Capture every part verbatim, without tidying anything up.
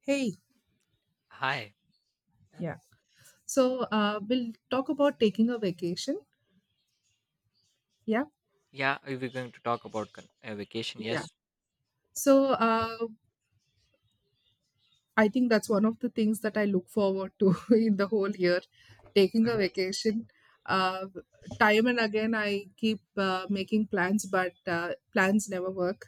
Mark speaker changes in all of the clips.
Speaker 1: Hey,
Speaker 2: Hi.
Speaker 1: yeah. So uh, we'll talk about taking a vacation. Yeah.
Speaker 2: Yeah, we were going to talk about con- uh, vacation.
Speaker 1: Yeah.
Speaker 2: Yes.
Speaker 1: So uh, I think that's one of the things that I look forward to in the whole year, taking a
Speaker 2: Mhm.
Speaker 1: vacation. Uh, time and again, I keep uh, making plans, but uh, plans never work.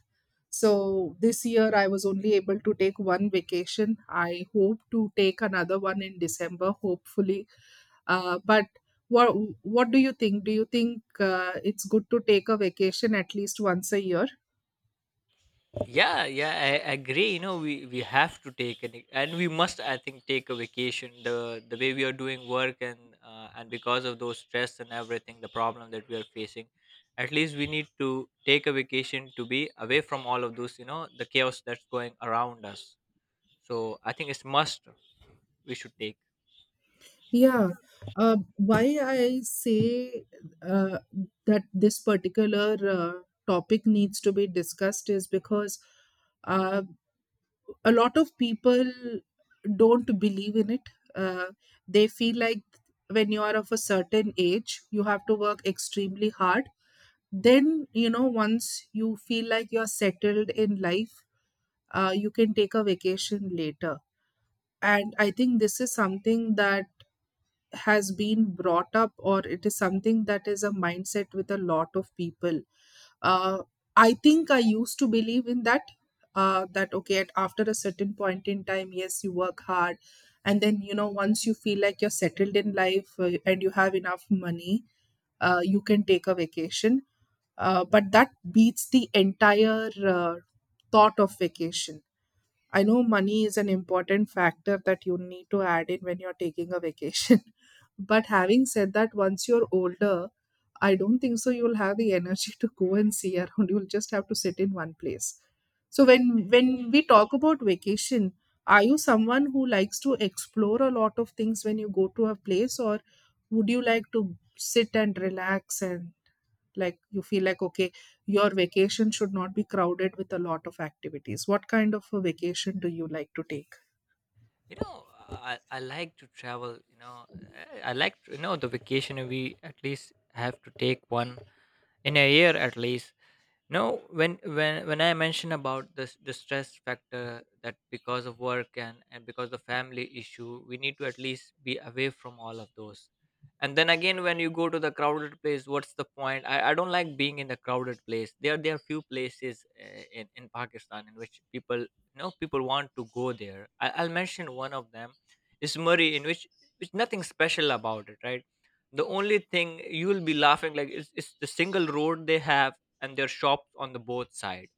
Speaker 1: So this year, I was only able to take one vacation. I hope to take another one in December, hopefully. Uh, but what what do you think? Do you think uh, it's good to take a vacation at least once a year?
Speaker 2: Yeah, yeah, I I agree. You know, we we have to take an, and we must, I think, take a vacation. The the way we are doing work and uh, and because of those stress and everything, the problem that we are facing, at least we need to take a vacation to be away from all of those. You know, the chaos that's going around us. So I think it's must. We should take.
Speaker 1: Yeah. Uh, why I say uh, that this particular uh, topic needs to be discussed is because uh, a lot of people don't believe in it. Uh, they feel like when you are of a certain age, you have to work extremely hard. Then, you know, once you feel like you're settled in life, uh, you can take a vacation later. And I think this is something that has been brought up, or it is something that is a mindset with a lot of people. Uh, I think I used to believe in that. Uh, that okay, at after a certain point in time, yes, you work hard, and then you know once you feel like you're settled in life uh, and you have enough money, uh, you can take a vacation. Uh, but that beats the entire uh, thought of vacation. I know money is an important factor that you need to add in when you're taking a vacation. But having said that, once you're older, I don't think so you'll have the energy to go and see around. You'll just have to sit in one place. So when when we talk about vacation, are you someone who likes to explore a lot of things when you go to a place, or would you like to sit and relax and like you feel like okay, your vacation should not be crowded with a lot of activities? What kind of a vacation do you like to take?
Speaker 2: You know, I, I like to travel, you know, i I like to, you know, the vacation we at least have to take one in a year at least. No, when when when I mention about this, the stress factor that because of work and and because the family issue, we need to at least be away from all of those. And then again, when you go to the crowded place, what's the point? I, I don't like being in the crowded place. There there are few places uh, in in Pakistan in which people, you know, people want to go there. I, I'll mention one of them is Murray, in which which nothing special about it, right? The only thing you will be laughing like it's, it's the single road they have, and there are shops on the both side.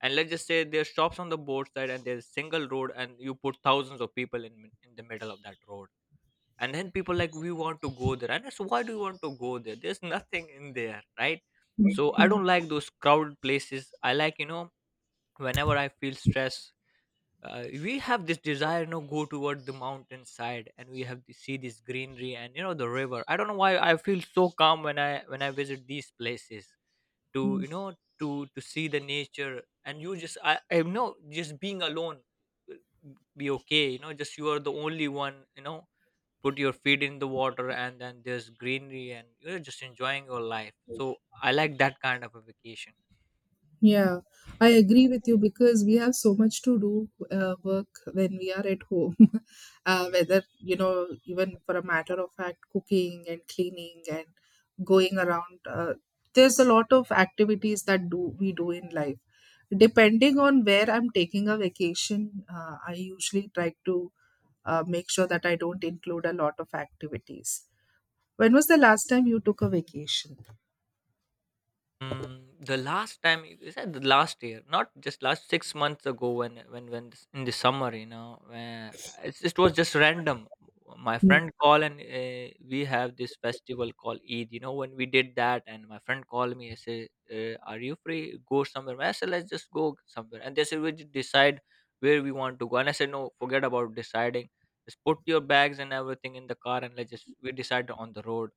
Speaker 2: And let's just say there are shops on the both side and there's single road, and you put thousands of people in mi- in the middle of that road. And then people like we want to go there, and I said, why do you want to go there? There's nothing in there, right?
Speaker 1: Mm.
Speaker 2: So I
Speaker 1: Mm,
Speaker 2: don't like those crowded places. I like, you know, whenever I feel stress, uh, we have this desire, you know, go toward the mountain side, and we have to see this greenery and, you know, the river. I don't know why I feel so calm when i when i visit these places, to,
Speaker 1: mm.
Speaker 2: you know, to to see the nature. And you just, i i know, just being alone will be okay. You know, just you are the only one, you know, put your feet in the water and then there's greenery and you're just enjoying your life. So I like that kind of a vacation.
Speaker 1: Yeah, I agree with you because we have so much to do uh, work when we are at home. Uh, whether, you know, even for a matter of fact, cooking and cleaning and going around, uh, there's a lot of activities that do we do in life. Depending on where I'm taking a vacation, uh, I usually try to uh, make sure that I don't include a lot of activities. When was the last time you took a vacation?
Speaker 2: Mm, the last time it- is that the last year, not just last six months ago, when when when this- in the summer, you know, where it's just, it was just random. My friend
Speaker 1: Hmm,
Speaker 2: called, and uh, we have this festival called Eid. You know, when we did that, and my friend called me and said, uh, "Are you free? Go somewhere." I said, "Let's just go somewhere." And they said, "We just decide where we want to go." And I said, "No, forget about deciding. Just put your bags and everything in the car, and let's just we decide on the road."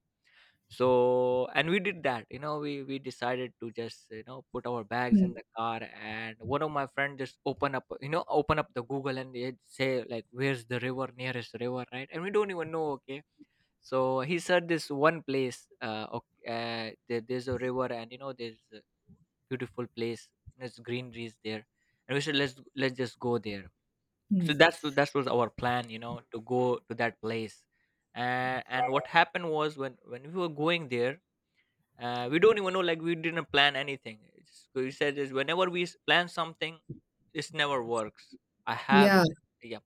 Speaker 2: So and we did that, you know, we we decided to, just you know, put our bags in
Speaker 1: hmm,
Speaker 2: the car. And one of my friend just open up, you know, open up the google and they say like, where's the river, nearest river, right? And we don't even know, okay. So he said this one place, uh, okay, uh there, there's a river and, you know, there's a beautiful place, there's greeneries there. And we said, let's let's just go there.
Speaker 1: hmm.
Speaker 2: So that's that was our plan, you know, to go to that place. And and what happened was when when we were going there, uh, we don't even know, like we didn't plan anything. It's, we said is whenever we s- plan something, this never works. I have,
Speaker 1: Yeah,
Speaker 2: yeah,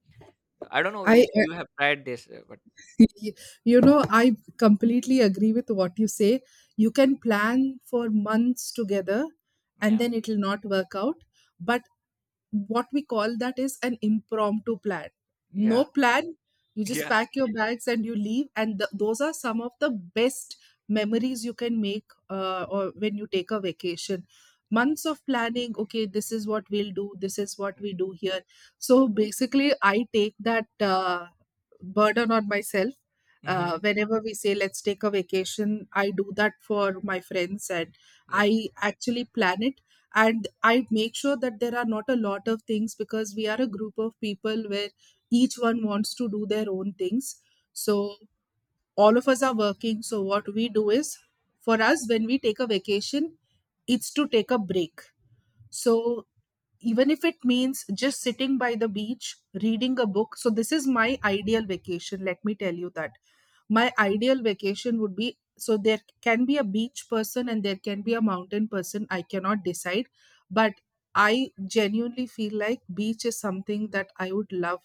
Speaker 2: I don't know
Speaker 1: I,
Speaker 2: if
Speaker 1: uh,
Speaker 2: you have tried this, uh, but
Speaker 1: you know, I completely agree with what you say. You can plan for months together and
Speaker 2: yeah.
Speaker 1: then it will not work out. But what we call that is an impromptu plan, no
Speaker 2: Yeah.
Speaker 1: plan. You just
Speaker 2: Yeah.
Speaker 1: pack your bags and you leave, and th- those are some of the best memories you can make uh, or when you take a vacation. Months of planning, okay, this is what we'll do, this is what we do here. So basically I take that uh, burden on myself uh,
Speaker 2: Mm-hmm.
Speaker 1: whenever we say let's take a vacation. I do that for my friends, and
Speaker 2: Yeah.
Speaker 1: I actually plan it, and I make sure that there are not a lot of things because we are a group of people where each one wants to do their own things. So all of us are working, so what we do is, for us, when we take a vacation, it's to take a break. So even if it means just sitting by the beach, reading a book, so this is my ideal vacation, let me tell you that. My ideal vacation would be, so there can be a beach person and there can be a mountain person. I cannot decide, but I genuinely feel like beach is something that I would love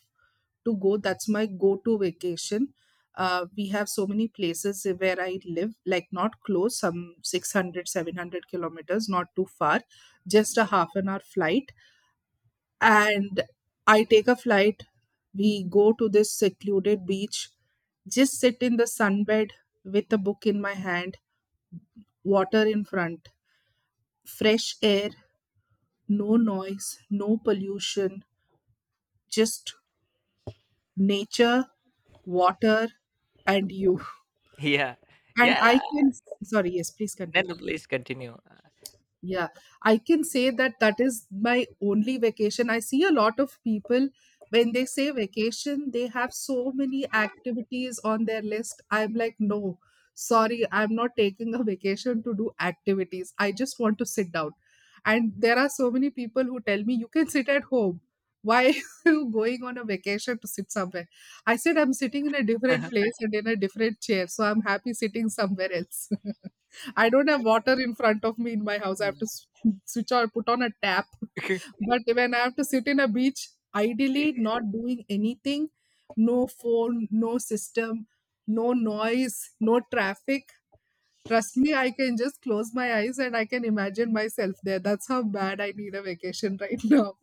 Speaker 1: to go. That's my go to vacation. Uh, we have so many places where I live, like not close, some six hundred, seven hundred kilometers, not too far, just a half an hour flight. And I take a flight. We go to this secluded beach, just sit in the sunbed with a book in my hand, water in front, fresh air, no noise, no pollution, just nature, water, and you.
Speaker 2: Yeah.
Speaker 1: And
Speaker 2: Yeah,
Speaker 1: I can, sorry, yes, please
Speaker 2: then
Speaker 1: continue.
Speaker 2: the, please continue.
Speaker 1: Yeah, I can say that that is my only vacation. I see a lot of people, when they say vacation, they have so many activities on their list. I'm like, no, sorry, I'm not taking a vacation to do activities. I just want to sit down. And there are so many people who tell me, you can sit at home. Why are you going on a vacation to sit somewhere? I said, I'm sitting in a different place and in a different chair, so I'm happy sitting somewhere else. I don't have water in front of me in my house. I have to s- switch or put on a tap. But when I have to sit in a beach, ideally not doing anything, no phone, no system, no noise, no traffic. Trust me, I can just close my eyes and I can imagine myself there. That's how bad I need a vacation right now.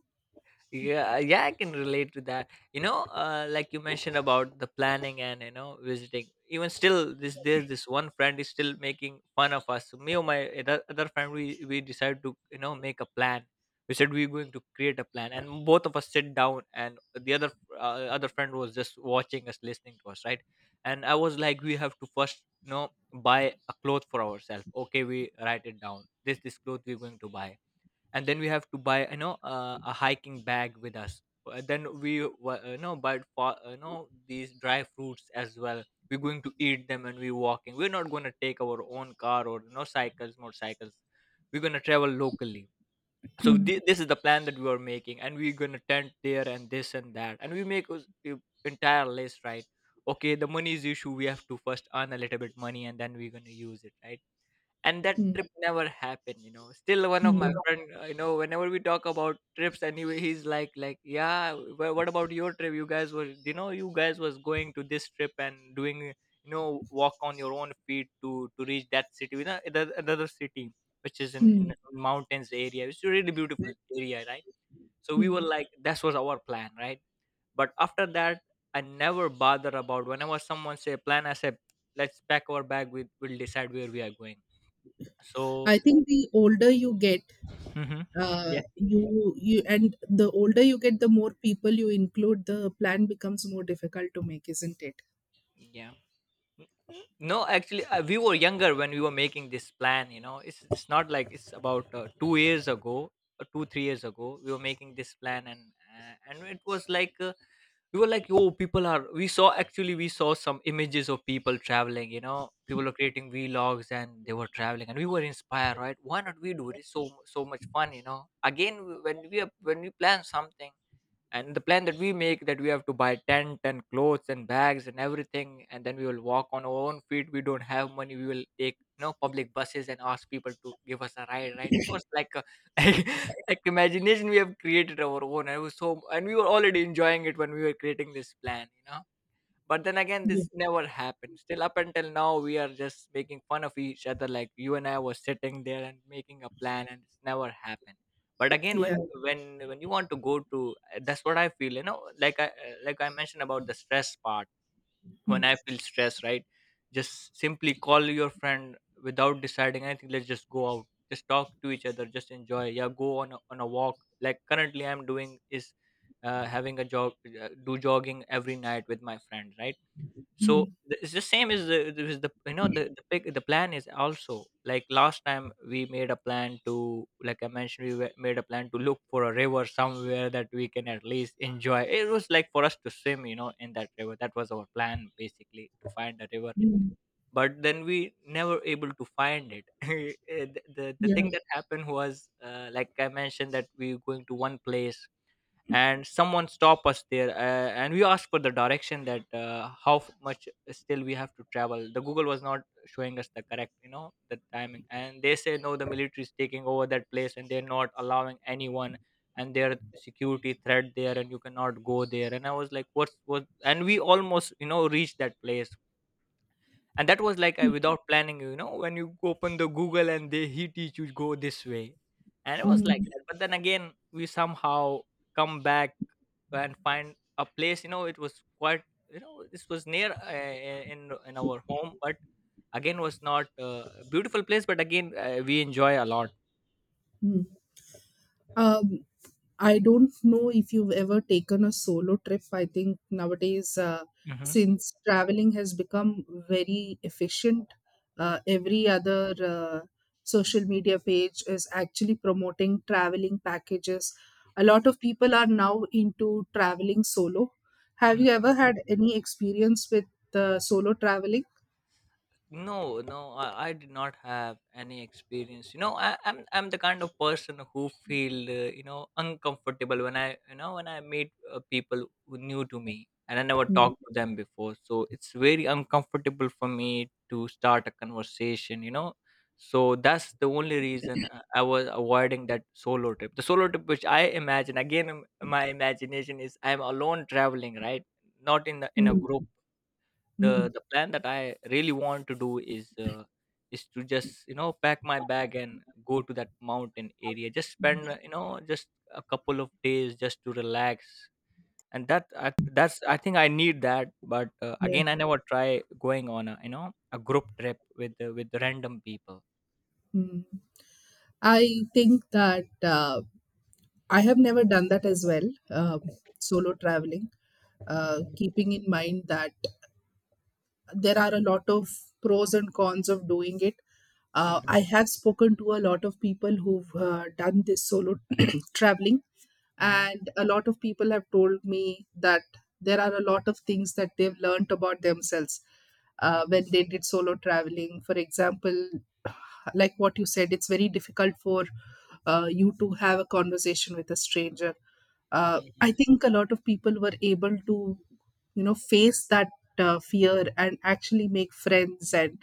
Speaker 2: Yeah, uh, yeah, I can relate to that, you know, uh, like you mentioned about the planning and, you know, visiting, even still this, there's this one friend is still making fun of us. So me or my other, other friend, we we decided to, you know, make a plan. We said we're going to create a plan and both of us sit down, and the other, uh, other friend was just watching us, listening to us, right? And I was like, we have to first, you know, buy a cloth for ourselves, okay, we write it down, this this cloth we're going to buy. And then we have to buy, you know, uh, a hiking bag with us. Uh, then we wa- uh, you know, buy for, uh, you know, these dry fruits as well. We're going to eat them, and we're walking. We're not going to take our own car, or no cycles, motorcycles. We're going to travel locally. So
Speaker 1: Hmm,
Speaker 2: thi- this is the plan that we are making, and we're going to tent there and this and that, and we make us- a entire list, right? Okay, the money is issue. We have to first earn a little bit money and then we're going to use it, right? And that
Speaker 1: hmm,
Speaker 2: trip never happened, you know. Still one of
Speaker 1: hmm,
Speaker 2: my friend, uh, you know, whenever we talk about trips and he he's like like yeah, wh- what about your trip? You guys were, you know, you guys was going to this trip and doing, you know, walk on your own feet to to reach that city, you know, the, another city, which is in, in
Speaker 1: hmm,
Speaker 2: mountains area. It's a really beautiful area, right? So we were
Speaker 1: hmm.
Speaker 2: like, that was our plan, right? But after that, I never bother about whenever someone say plan, I said, let's pack our bag, we will decide where we are going. So
Speaker 1: I think the older you get,
Speaker 2: Mm-hmm.
Speaker 1: uh,
Speaker 2: Yeah.
Speaker 1: you you and the older you get, the more people you include, the plan becomes more difficult to make, isn't it?
Speaker 2: Yeah. No, actually, uh, we were younger when we were making this plan. You know, it's it's not like. It's about uh, two years ago, uh, two three years ago, we were making this plan. And uh, and it was like, uh, we were like, yo, people are, we saw, actually we saw some images of people traveling. You know, people were creating vlogs and they were traveling, and we were inspired, right? Why not we do it? It's so so much fun. You know, again, when we are- when we plan something and the plan that we make that we have to buy tent and clothes and bags and everything, and then we will walk on our own feet, we don't have money, we will take no public buses and ask people to give us a ride, right? It was like a, like like imagination we have created our own. And it was so, and we were already enjoying it when we were creating this plan, you know. But then again,
Speaker 1: Yeah,
Speaker 2: this never happened. Still, up until now, we are just making fun of each other, like you and I were sitting there and making a plan, and it's never happened. But again,
Speaker 1: yeah.
Speaker 2: when when when you want to go to, eh, that's what I feel. You know, like I, eh, like I mentioned about the stress part. When
Speaker 1: Mm.
Speaker 2: I feel stress, right, just simply call your friend without deciding anything. Let's just go out. Just talk to each other. Just enjoy. Yeah, go on a, on a walk. Like currently, I'm doing is uh, having a jog, uh, do jogging every night with my friend, right? So
Speaker 1: Mm.
Speaker 2: the- it's the same as the, the is the you know the the, big, the plan is also like last time we made a plan to, like I mentioned, we wa- made a plan to look for a river somewhere that we can at least enjoy. It was like for us to swim, you know, in that river. That was our plan, basically, to find a river.
Speaker 1: Mm.
Speaker 2: But then we never able to find it. Eh, the, the the thing
Speaker 1: Yeah.
Speaker 2: that happened was, uh, like I mentioned, that we were going to one place and someone stop us there. Uh, and we asked for the direction, that uh, how f- much still we have to travel. The google was not showing us the correct, you know, the timing. And they say, no, the military is taking over that place and they're not allowing anyone. And their security threat there, and you cannot go there. And I was like, what's what, and we almost, you know, reached that place. And that was like, I, without planning, you know, when you open the google and they he teach you, go this way. And it was like
Speaker 1: Mm.
Speaker 2: that. But then again, we somehow come back and find a place, you know, it was quite, you know, this was near, uh, uh, in in our home. But again was not uh, a beautiful place, but again, uh, we enjoy a lot.
Speaker 1: Mm. Um, I don't know if you've ever taken a solo trip. I think nowadays, uh,
Speaker 2: Mhm.
Speaker 1: since traveling has become very efficient, uh, every other uh, social media page is actually promoting traveling packages. A lot of people are now into traveling solo. Have you
Speaker 2: Yeah.
Speaker 1: ever had any experience with uh, solo traveling?
Speaker 2: No, no, I, I did not have any experience. You know, I, I'm I'm the kind of person who feel uh, you know uncomfortable when I you know when I meet uh, people who new to me and I never
Speaker 1: Mm,
Speaker 2: talked to them before. So it's very uncomfortable for me to start a conversation. You know, so that's the only reason I I was avoiding that solo trip. The solo trip, which I imagine again, um, my imagination is I'm alone traveling, right? Not in the in a group.
Speaker 1: mm, mm,
Speaker 2: The the plan that I really want to do is uh, is to just you know pack my bag and go to that mountain area. Just spend
Speaker 1: mm,
Speaker 2: uh, you know just a couple of days just to relax. And that I, that's I think I need that. But uh,
Speaker 1: yeah.
Speaker 2: again, I never try going on a you know a group trip with uh, with random people.
Speaker 1: Mm. I think that. Uh, I have never done that as well, um, solo traveling, uh, keeping in mind that there are a lot of pros and cons of doing it. Uh,
Speaker 2: Mhm,
Speaker 1: I have spoken to a lot of people who've uh, done this solo traveling,
Speaker 2: mhm,
Speaker 1: and a lot of people have told me that there are a lot of things that they've learned about themselves uh,
Speaker 2: mhm,
Speaker 1: when they did solo traveling. For example, like what you said, it's very difficult for uh, you to have a conversation with a stranger. uh,
Speaker 2: mhm,
Speaker 1: I think a lot of people were able to you know face that uh, fear and actually make friends, and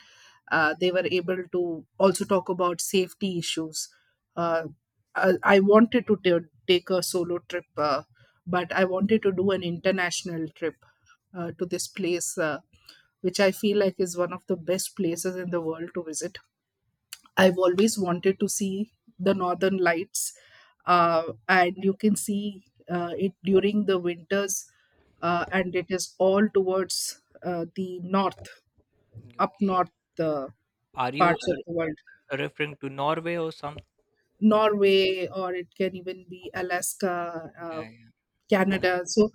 Speaker 1: uh, they were able to also talk about safety issues. uh, I, I wanted to ta- take a solo trip, uh, but I wanted to do an international trip uh, to this place uh, which I feel like is one of the best places in the world to visit. I've always wanted to see the northern lights, uh, and you can see uh, it during the winters, uh, and it is all towards uh, the north,
Speaker 2: mhm.
Speaker 1: up
Speaker 2: Okay.
Speaker 1: north, uh,
Speaker 2: Are you
Speaker 1: parts of the
Speaker 2: uh,
Speaker 1: world,
Speaker 2: referring to Norway or something?
Speaker 1: Norway, or it can even be Alaska, uh,
Speaker 2: Yeah, yeah.
Speaker 1: Canada. So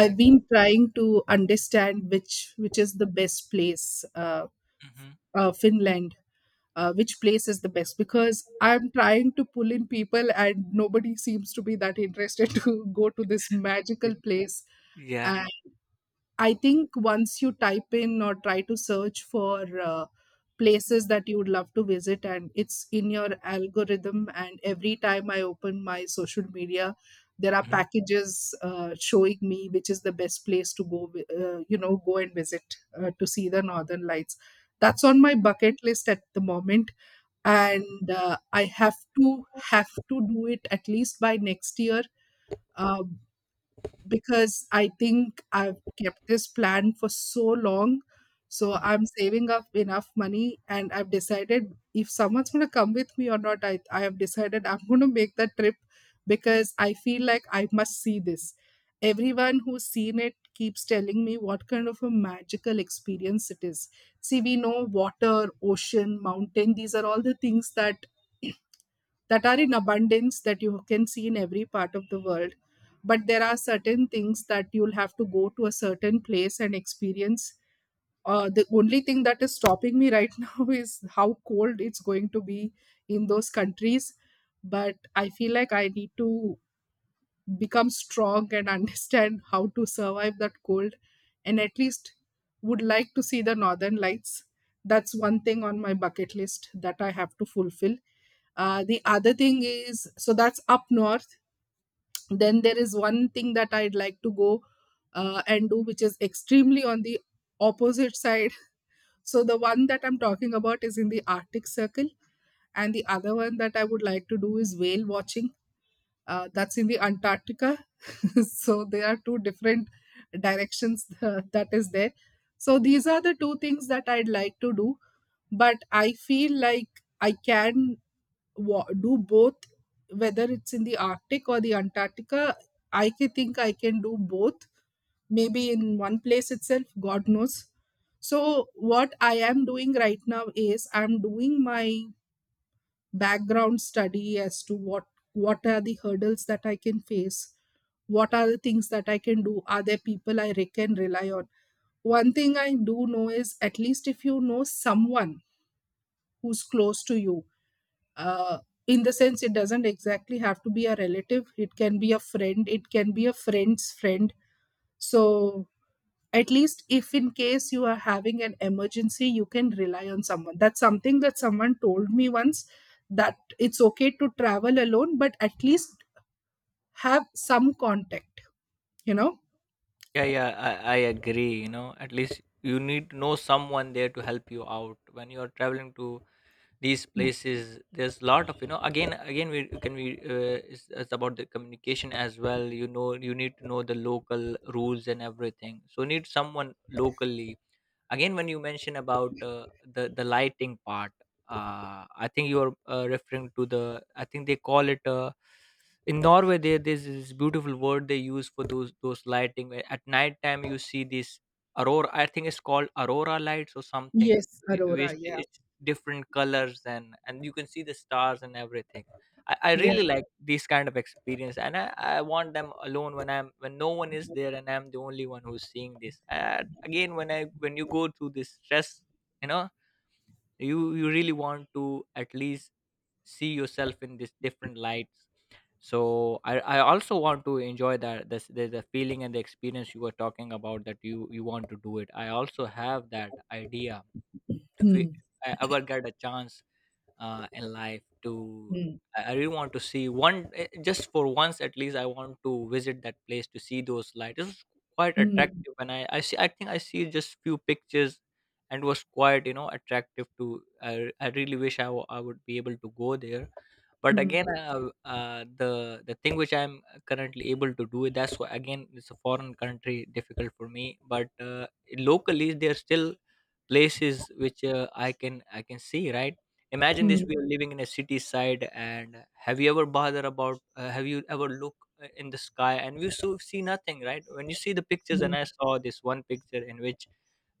Speaker 2: I get.
Speaker 1: been trying to understand which which is the best place, uh,
Speaker 2: Mhm.
Speaker 1: uh, Finland, uh, which place is the best? Because I'm trying to pull in people, and nobody seems to be that interested to go to this magical place.
Speaker 2: Yeah.
Speaker 1: I think once you type in or try to search for uh, places that you would love to visit, and it's in your algorithm, and every time I open my social media, there are
Speaker 2: Mhm.
Speaker 1: packages uh, showing me which is the best place to go, wi- uh, you know, go and visit uh, to see the Northern Lights. That's on my bucket list at the moment,
Speaker 2: Yeah.
Speaker 1: and uh, I have to have to do it at least by next year, um, because I think I've kept this plan for so long. So I'm saving up enough money, and I've decided if someone's going to come with me or not, I, I have decided I'm going to make that trip because I feel like I must see this. Everyone who's seen it keeps telling me what kind of a magical experience it is. See, we know water, ocean, mountain, these are all the things that that are in abundance that you can see in every part of the world. But there are certain things that you'll have to go to a certain place and experience. Uh, the only thing that is stopping me right now is how cold it's going to be in those countries. But I feel like I need to become strong and understand how to survive that cold, and at least would like to see the northern lights. That's one thing on my bucket list that I have to fulfill. Uh, the other thing is, so that's up north. Then there is one thing that I'd like to go uh, and do, which is extremely on the opposite side. So the one that I'm talking about is in the Arctic Circle, and the other one that I would like to do is whale watching. Uh, that's in the Antarctica. So there are two different directions that is there. So these are the two things that I'd like to do, but I feel like I can wa- do both. Whether it's in the Arctic or the Antarctica, i ca- think I can do both, maybe in one place itself, God knows. So what I am doing right now is I'm doing my background study as to what what are the hurdles that I can face, what are the things that I can do, are there people i re- can rely on. One thing I do know is at least if you know someone who's close to you, uh, in the sense it doesn't exactly have to be a relative, it can be a friend, it can be a friend's friend. So at least if in case you are having an emergency, you can rely on someone. That's something that someone told me once, that it's okay to travel alone, but at least have some contact you know
Speaker 2: Yeah, yeah, I, I agree. You know, at least you need to know someone there to help you out when you are traveling to these places. There's a lot of you know. Again, again, we can we uh, it's, it's about the communication as well. You know, you need to know the local rules and everything. So need someone locally. Again, when you mention about uh, the the lighting part, uh, I think you're uh, referring to the, I think they call it uh, in Norway, there there's this beautiful word they use for those those lighting where at night time you see this aurora. I think it's called aurora lights or something,
Speaker 1: yes,
Speaker 2: whi-
Speaker 1: aurora,
Speaker 2: which
Speaker 1: yeah.
Speaker 2: it's different colors and and you can see the stars and everything. I, I
Speaker 1: Yeah.
Speaker 2: really like these kind of experience, and I, I want them alone when I'm when no one is there and I'm the only one who's seeing this. And again, when I when you go through this stress, you know, you you really want to at least see yourself in these different lights. So I, I also want to enjoy that this the, the feeling and the experience you were talking about that you you want to do it. I also have that idea if we
Speaker 1: Hmm.
Speaker 2: I ever get a chance uh, in life to,
Speaker 1: Hmm.
Speaker 2: I I really want to see one eh, just for once. At least I want to visit that place to see those lights. It's quite
Speaker 1: Hmm.
Speaker 2: attractive and I, I see I think I see just few pictures and was quite you know attractive to, I, I really wish I wa- I would be able to go there. But
Speaker 1: Hmm.
Speaker 2: again uh, uh, the the thing which I'm currently able to do, that's why again it's a foreign country difficult for me. But uh, locally they're still places which uh, i can I can see, right? Imagine this,
Speaker 1: Hmm.
Speaker 2: we are living in a city side and have you ever bothered about, uh, have you ever look uh, in the sky and you so see nothing, right? When you see the pictures
Speaker 1: Hmm.
Speaker 2: and I saw this one picture in which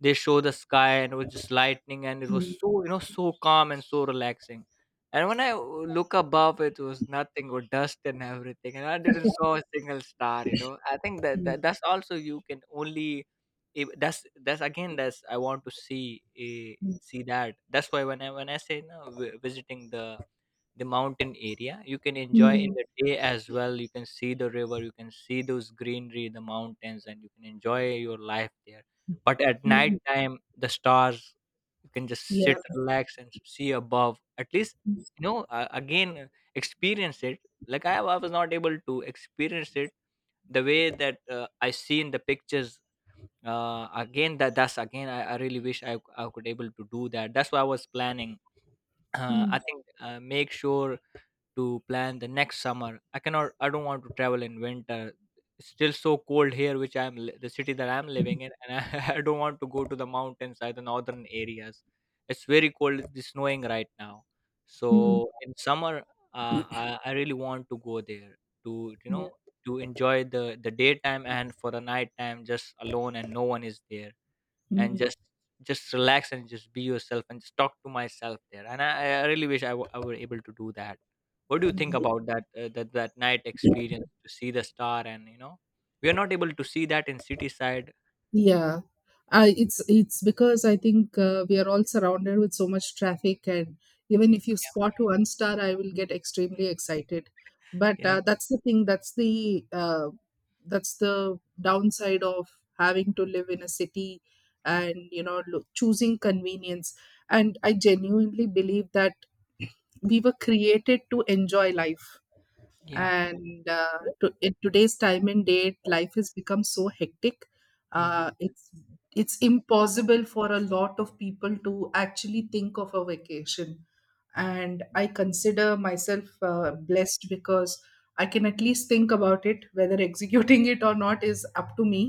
Speaker 2: they show the sky and it was just lightning and it was
Speaker 1: Hmm.
Speaker 2: so you know so calm and so relaxing. And when i w- look above it was nothing but dust and everything and I didn't saw a single star, you know. I think that,
Speaker 1: Hmm.
Speaker 2: that that's also you can only if that's that's again that's I want to see, eh, see that. That's why when i when I say no vi- visiting the the mountain area, you can
Speaker 1: Hmm.
Speaker 2: enjoy in
Speaker 1: Hmm.
Speaker 2: the day as well. You can see the river, you can see those greenery, the mountains, and you can enjoy your life there. But at night
Speaker 1: Hmm.
Speaker 2: time the stars, you can just
Speaker 1: Yeah.
Speaker 2: sit relax and see above at least, you know, uh, again experience it. Like, I, I was not able to experience it the way that uh, I see in the pictures. Uh, again that That's again, I, I really wish I, I could able to do that. That's why I was planning uh,
Speaker 1: Hmm.
Speaker 2: I think uh, make sure to plan the next summer. I cannot. I don't want to travel in winter. It's still so cold here, which I'm li- the city that I'm living in, and I, I don't want to go to the mountains or the northern areas. It's very cold. It's snowing right now.
Speaker 1: Hmm.
Speaker 2: So in summer, uh, I, I really want to go there to you
Speaker 1: Yeah.
Speaker 2: know to enjoy the the daytime, and for the nighttime just alone and no one is there and
Speaker 1: Hmm.
Speaker 2: just just relax and just be yourself and just talk to myself there. And I, I really wish I, w- I were able to do that. What do you
Speaker 1: Hmm.
Speaker 2: think about that uh, that that night experience to see the star, and you know we are not able to see that in city side.
Speaker 1: Yeah, I, it's it's because I think uh, we are all surrounded with so much traffic, and even
Speaker 2: Mm,
Speaker 1: if you spot one star, I will get extremely excited. But
Speaker 2: yeah,
Speaker 1: uh, that's the thing. That's the uh, that's the downside of having to live in a city, and you know lo- choosing convenience. And I genuinely believe that we were created to enjoy life,
Speaker 2: yeah.
Speaker 1: and uh, to, in today's time and date life has become so hectic.
Speaker 2: Hmm.
Speaker 1: uh, it's it's impossible for a lot of people to actually think of a vacation, and I consider myself uh, blessed because I can at least think about it, whether executing it or not is up to me.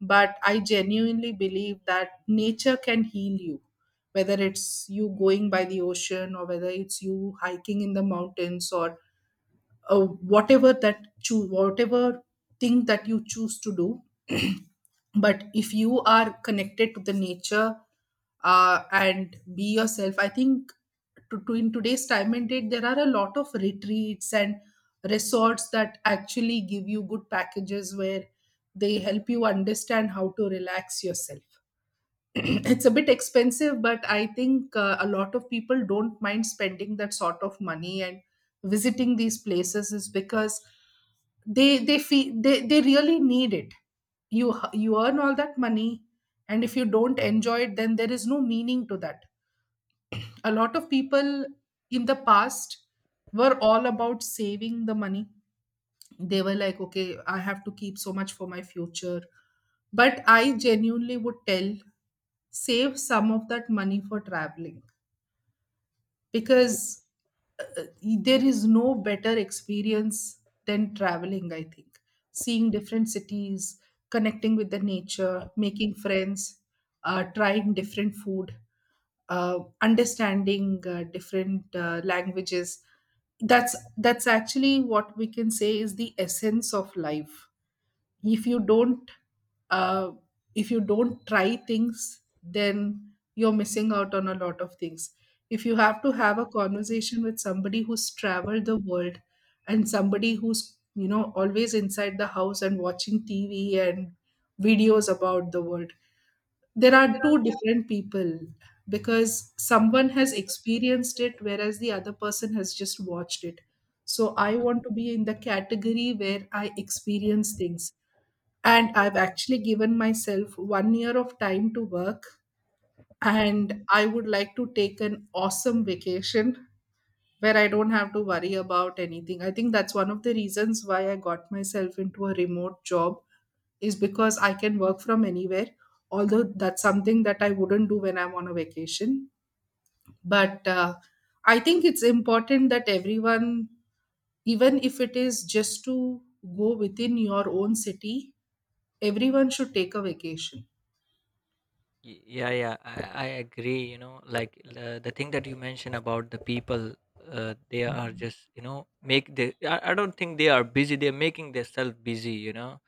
Speaker 1: But I genuinely believe that nature can heal you, whether it's you going by the ocean or whether it's you hiking in the mountains, or uh, whatever that choose whatever thing that you choose to do. But if you are connected to the nature, uh, and be yourself, I think to, to in today's time and date there are a lot of retreats and resorts that actually give you good packages where they help you understand how to relax yourself. It's a bit expensive, but I think uh, a lot of people don't mind spending that sort of money and visiting these places, is because they they feel they, they really need it. You you earn all that money, and if you don't enjoy it, then there is no meaning to that. A lot of people in the past were all about saving the money. They were like, okay, I have to keep so much for my future. But I genuinely would tell, save some of that money for traveling, because uh, uh, there is no better experience than traveling, I think. Seeing different cities, connecting with the nature, making friends, uh, trying different food, uh, understanding uh, different uh, languages, that's that's actually what we can say is the essence of life. If you don't uh, if you don't try things, then you're missing out on a lot of things. If you have to have a conversation with somebody who's traveled the world, and somebody who's, you know, always inside the house and watching TV and videos about the world, there are two different people, because someone has experienced it whereas the other person has just watched it. So I want to be in the category where I experience things, and I've actually given myself one year of time to work, and I would like to take an awesome vacation where I don't have to worry about anything. I think that's one of the reasons why I got myself into a remote job, is because I can work from anywhere. Although that's something that I wouldn't do when I'm on a vacation. But uh, I think it's important that everyone, even if it is just to go within your own city, everyone should take a vacation.
Speaker 2: Y- Yeah, yeah, I, I agree. You know, like uh, the thing that you mentioned about the people, uh, they are just, you know, make the. I, I don't think they are busy. They're making themselves busy. You know,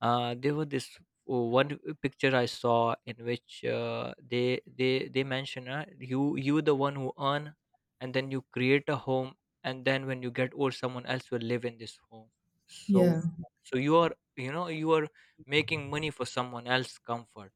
Speaker 2: uh, there was this one picture I saw in which uh, they they they mention uh, you, you the one who earn, and then you create a home, and then when you get old, someone else will live in this home. So
Speaker 1: Yeah.
Speaker 2: so you are you know you are making money for someone else's comfort.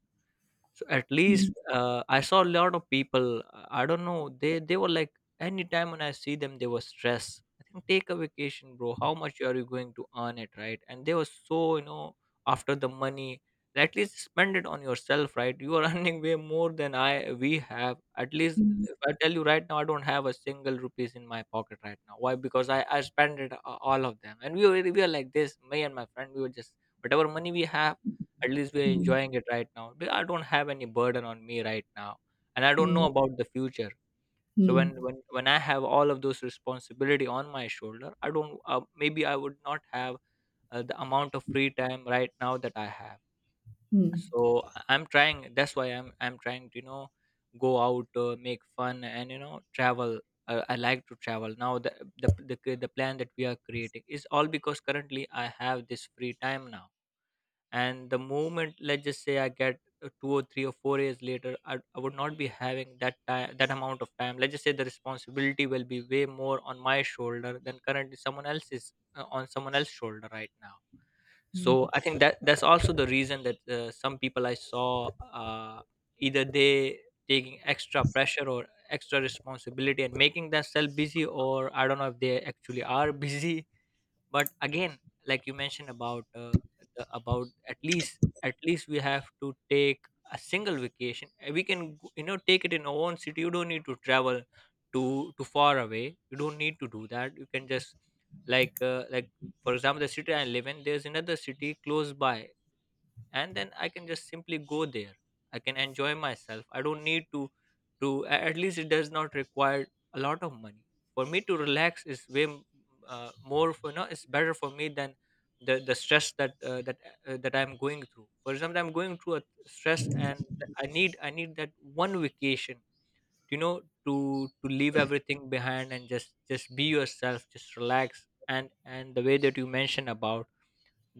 Speaker 2: So at
Speaker 1: Mm.
Speaker 2: least uh, I saw a lot of people. uh, I don't know. They they were like, anytime when I see them, they were stressed. I think take a vacation, bro. How much are you going to earn it, right? And they were so you know after the money. At least spend it on yourself, right? You are earning way more than I we have. At least
Speaker 1: Mm.
Speaker 2: if I tell you right now, I don't have a single rupees in my pocket right now. Why? Because I I spent it a- all of them, and we were we were like this. Me and my friend, we were just whatever money we have, at least we're
Speaker 1: Mm.
Speaker 2: enjoying it right now. But I don't have any burden on me right now, and I don't
Speaker 1: Mm.
Speaker 2: know about the future. So when
Speaker 1: Mm.
Speaker 2: when when I have all of those responsibility on my shoulder, I don't uh, maybe I would not have uh, the amount of free time right now that I have.
Speaker 1: Mm.
Speaker 2: So I- I'm trying. That's why I'm I'm trying to you know go out, uh, make fun, and you know travel. Uh, I like to travel now. The, the the the plan that we are creating is all because currently I have this free time now, and the moment let's just say I get uh, two or three or four years later, i, I would not be having that time, that amount of time. Let's just say the responsibility will be way more on my shoulder than currently someone else is uh, on someone else's shoulder right now.
Speaker 1: Mm.
Speaker 2: So I think that that's also the reason that uh, some people I saw uh, either they taking extra pressure or extra responsibility and making themselves busy, or I don't know if they actually are busy. But again, like you mentioned about uh, the, about at least, at least we have to take a single vacation. Uh, we can go- you know take it in our own city. You don't need to travel too too far away. You don't need to do that. You can just like uh, like for example the city I live in, there's another city close by, and then I can just simply go there. I can enjoy myself. I don't need to to a- at least it does not require a lot of money for me to relax. Is way m- uh, more, for no, it's better for me than the the stress that uh, that uh, that I'm going through. For example, I'm going through a stress and i need I need that one vacation, you know, to to leave everything behind and just just be yourself, just relax. and and the way that you mentioned about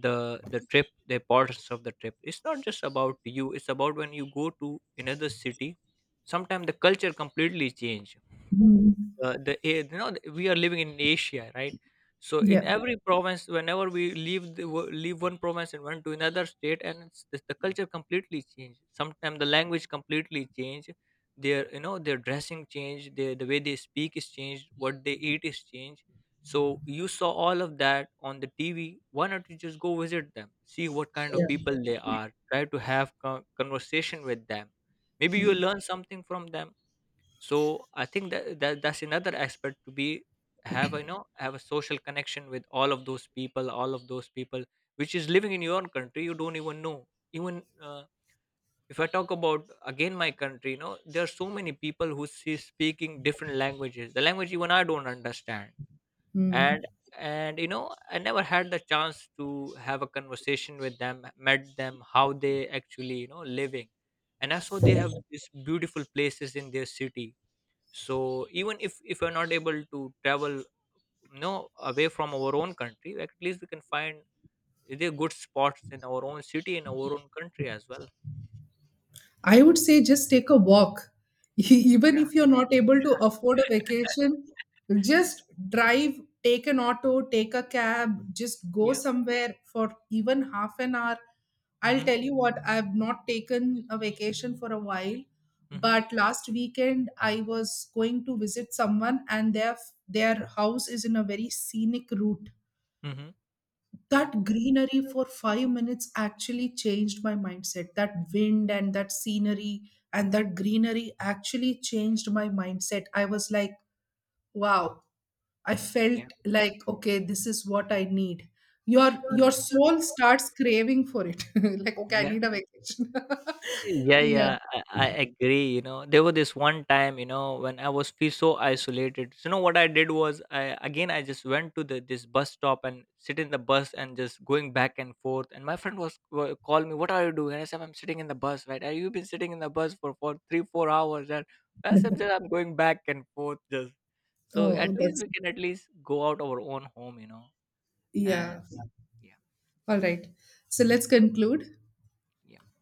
Speaker 2: the the trip, the importance of the trip, it's not just about you, it's about when you go to another city sometimes the culture completely change.
Speaker 1: Mm.
Speaker 2: Uh, the a- you know, we are living in Asia, right? So in
Speaker 1: Yeah.
Speaker 2: every province, whenever we leave the, wo- leave one province and went to another state, and it's, the, the culture completely changed. Sometimes the language completely changed. Their you know their dressing changed. Their, the way they speak is changed. What they eat is changed. So you saw all of that on the T V. Why not you just go visit them, see what kind of
Speaker 1: Yeah.
Speaker 2: people they are, try to have con- conversation with them. Maybe you'll
Speaker 1: Mm.
Speaker 2: learn something from them. So I think that, that that's another aspect to be, have you know have a social connection with all of those people, all of those people which is living in your own country. You don't even know. Even uh, if I talk about again my country, you know there are so many people who see speaking different languages, the language even I don't understand,
Speaker 1: Mm.
Speaker 2: and and you know I never had the chance to have a conversation with them, met them, how they actually you know living, and I saw they have these beautiful places in their city. So even if if we're not able to travel you know away from our own country, like at least we can find the good spots in our own city in our own country as well.
Speaker 1: I would say just take a walk. Even
Speaker 2: Yeah,
Speaker 1: if you're not able to
Speaker 2: yeah,
Speaker 1: afford a vacation, just drive, take an auto, take a cab, just go
Speaker 2: yeah,
Speaker 1: somewhere for even half an hour. I'll
Speaker 2: mm-hmm,
Speaker 1: tell you what, I've not taken a vacation for a while,
Speaker 2: mm-hmm,
Speaker 1: but last weekend I was going to visit someone, and their their house is in a very scenic route.
Speaker 2: mm-hmm, yeah,
Speaker 1: That greenery for five minutes actually changed my mindset. That wind and that scenery and that greenery actually changed my mindset. I was like, wow, I
Speaker 2: yeah,
Speaker 1: felt like, okay, this is what I need. Your your
Speaker 2: mm,
Speaker 1: soul starts craving for it. Like, okay, I
Speaker 2: yeah.
Speaker 1: need a vacation.
Speaker 2: Yeah,
Speaker 1: Yeah.
Speaker 2: yeah, I, I agree. You know, there was this one time, you know, when I was feel so isolated. So, you know, what I did was, I again, I just went to the this bus stop and sit in the bus and just going back and forth. And my friend was wa- called me, "What are you doing?" And I said, "I'm sitting in the bus, right? Are you been sitting in the bus for for three, four hours." And I said, "Just, I'm going back and forth, just so at
Speaker 1: Oh,
Speaker 2: least
Speaker 1: that's
Speaker 2: we can at least go out our own home, you know." And
Speaker 1: yeah.
Speaker 2: yeah,
Speaker 1: All right. So let's conclude.
Speaker 2: yeah.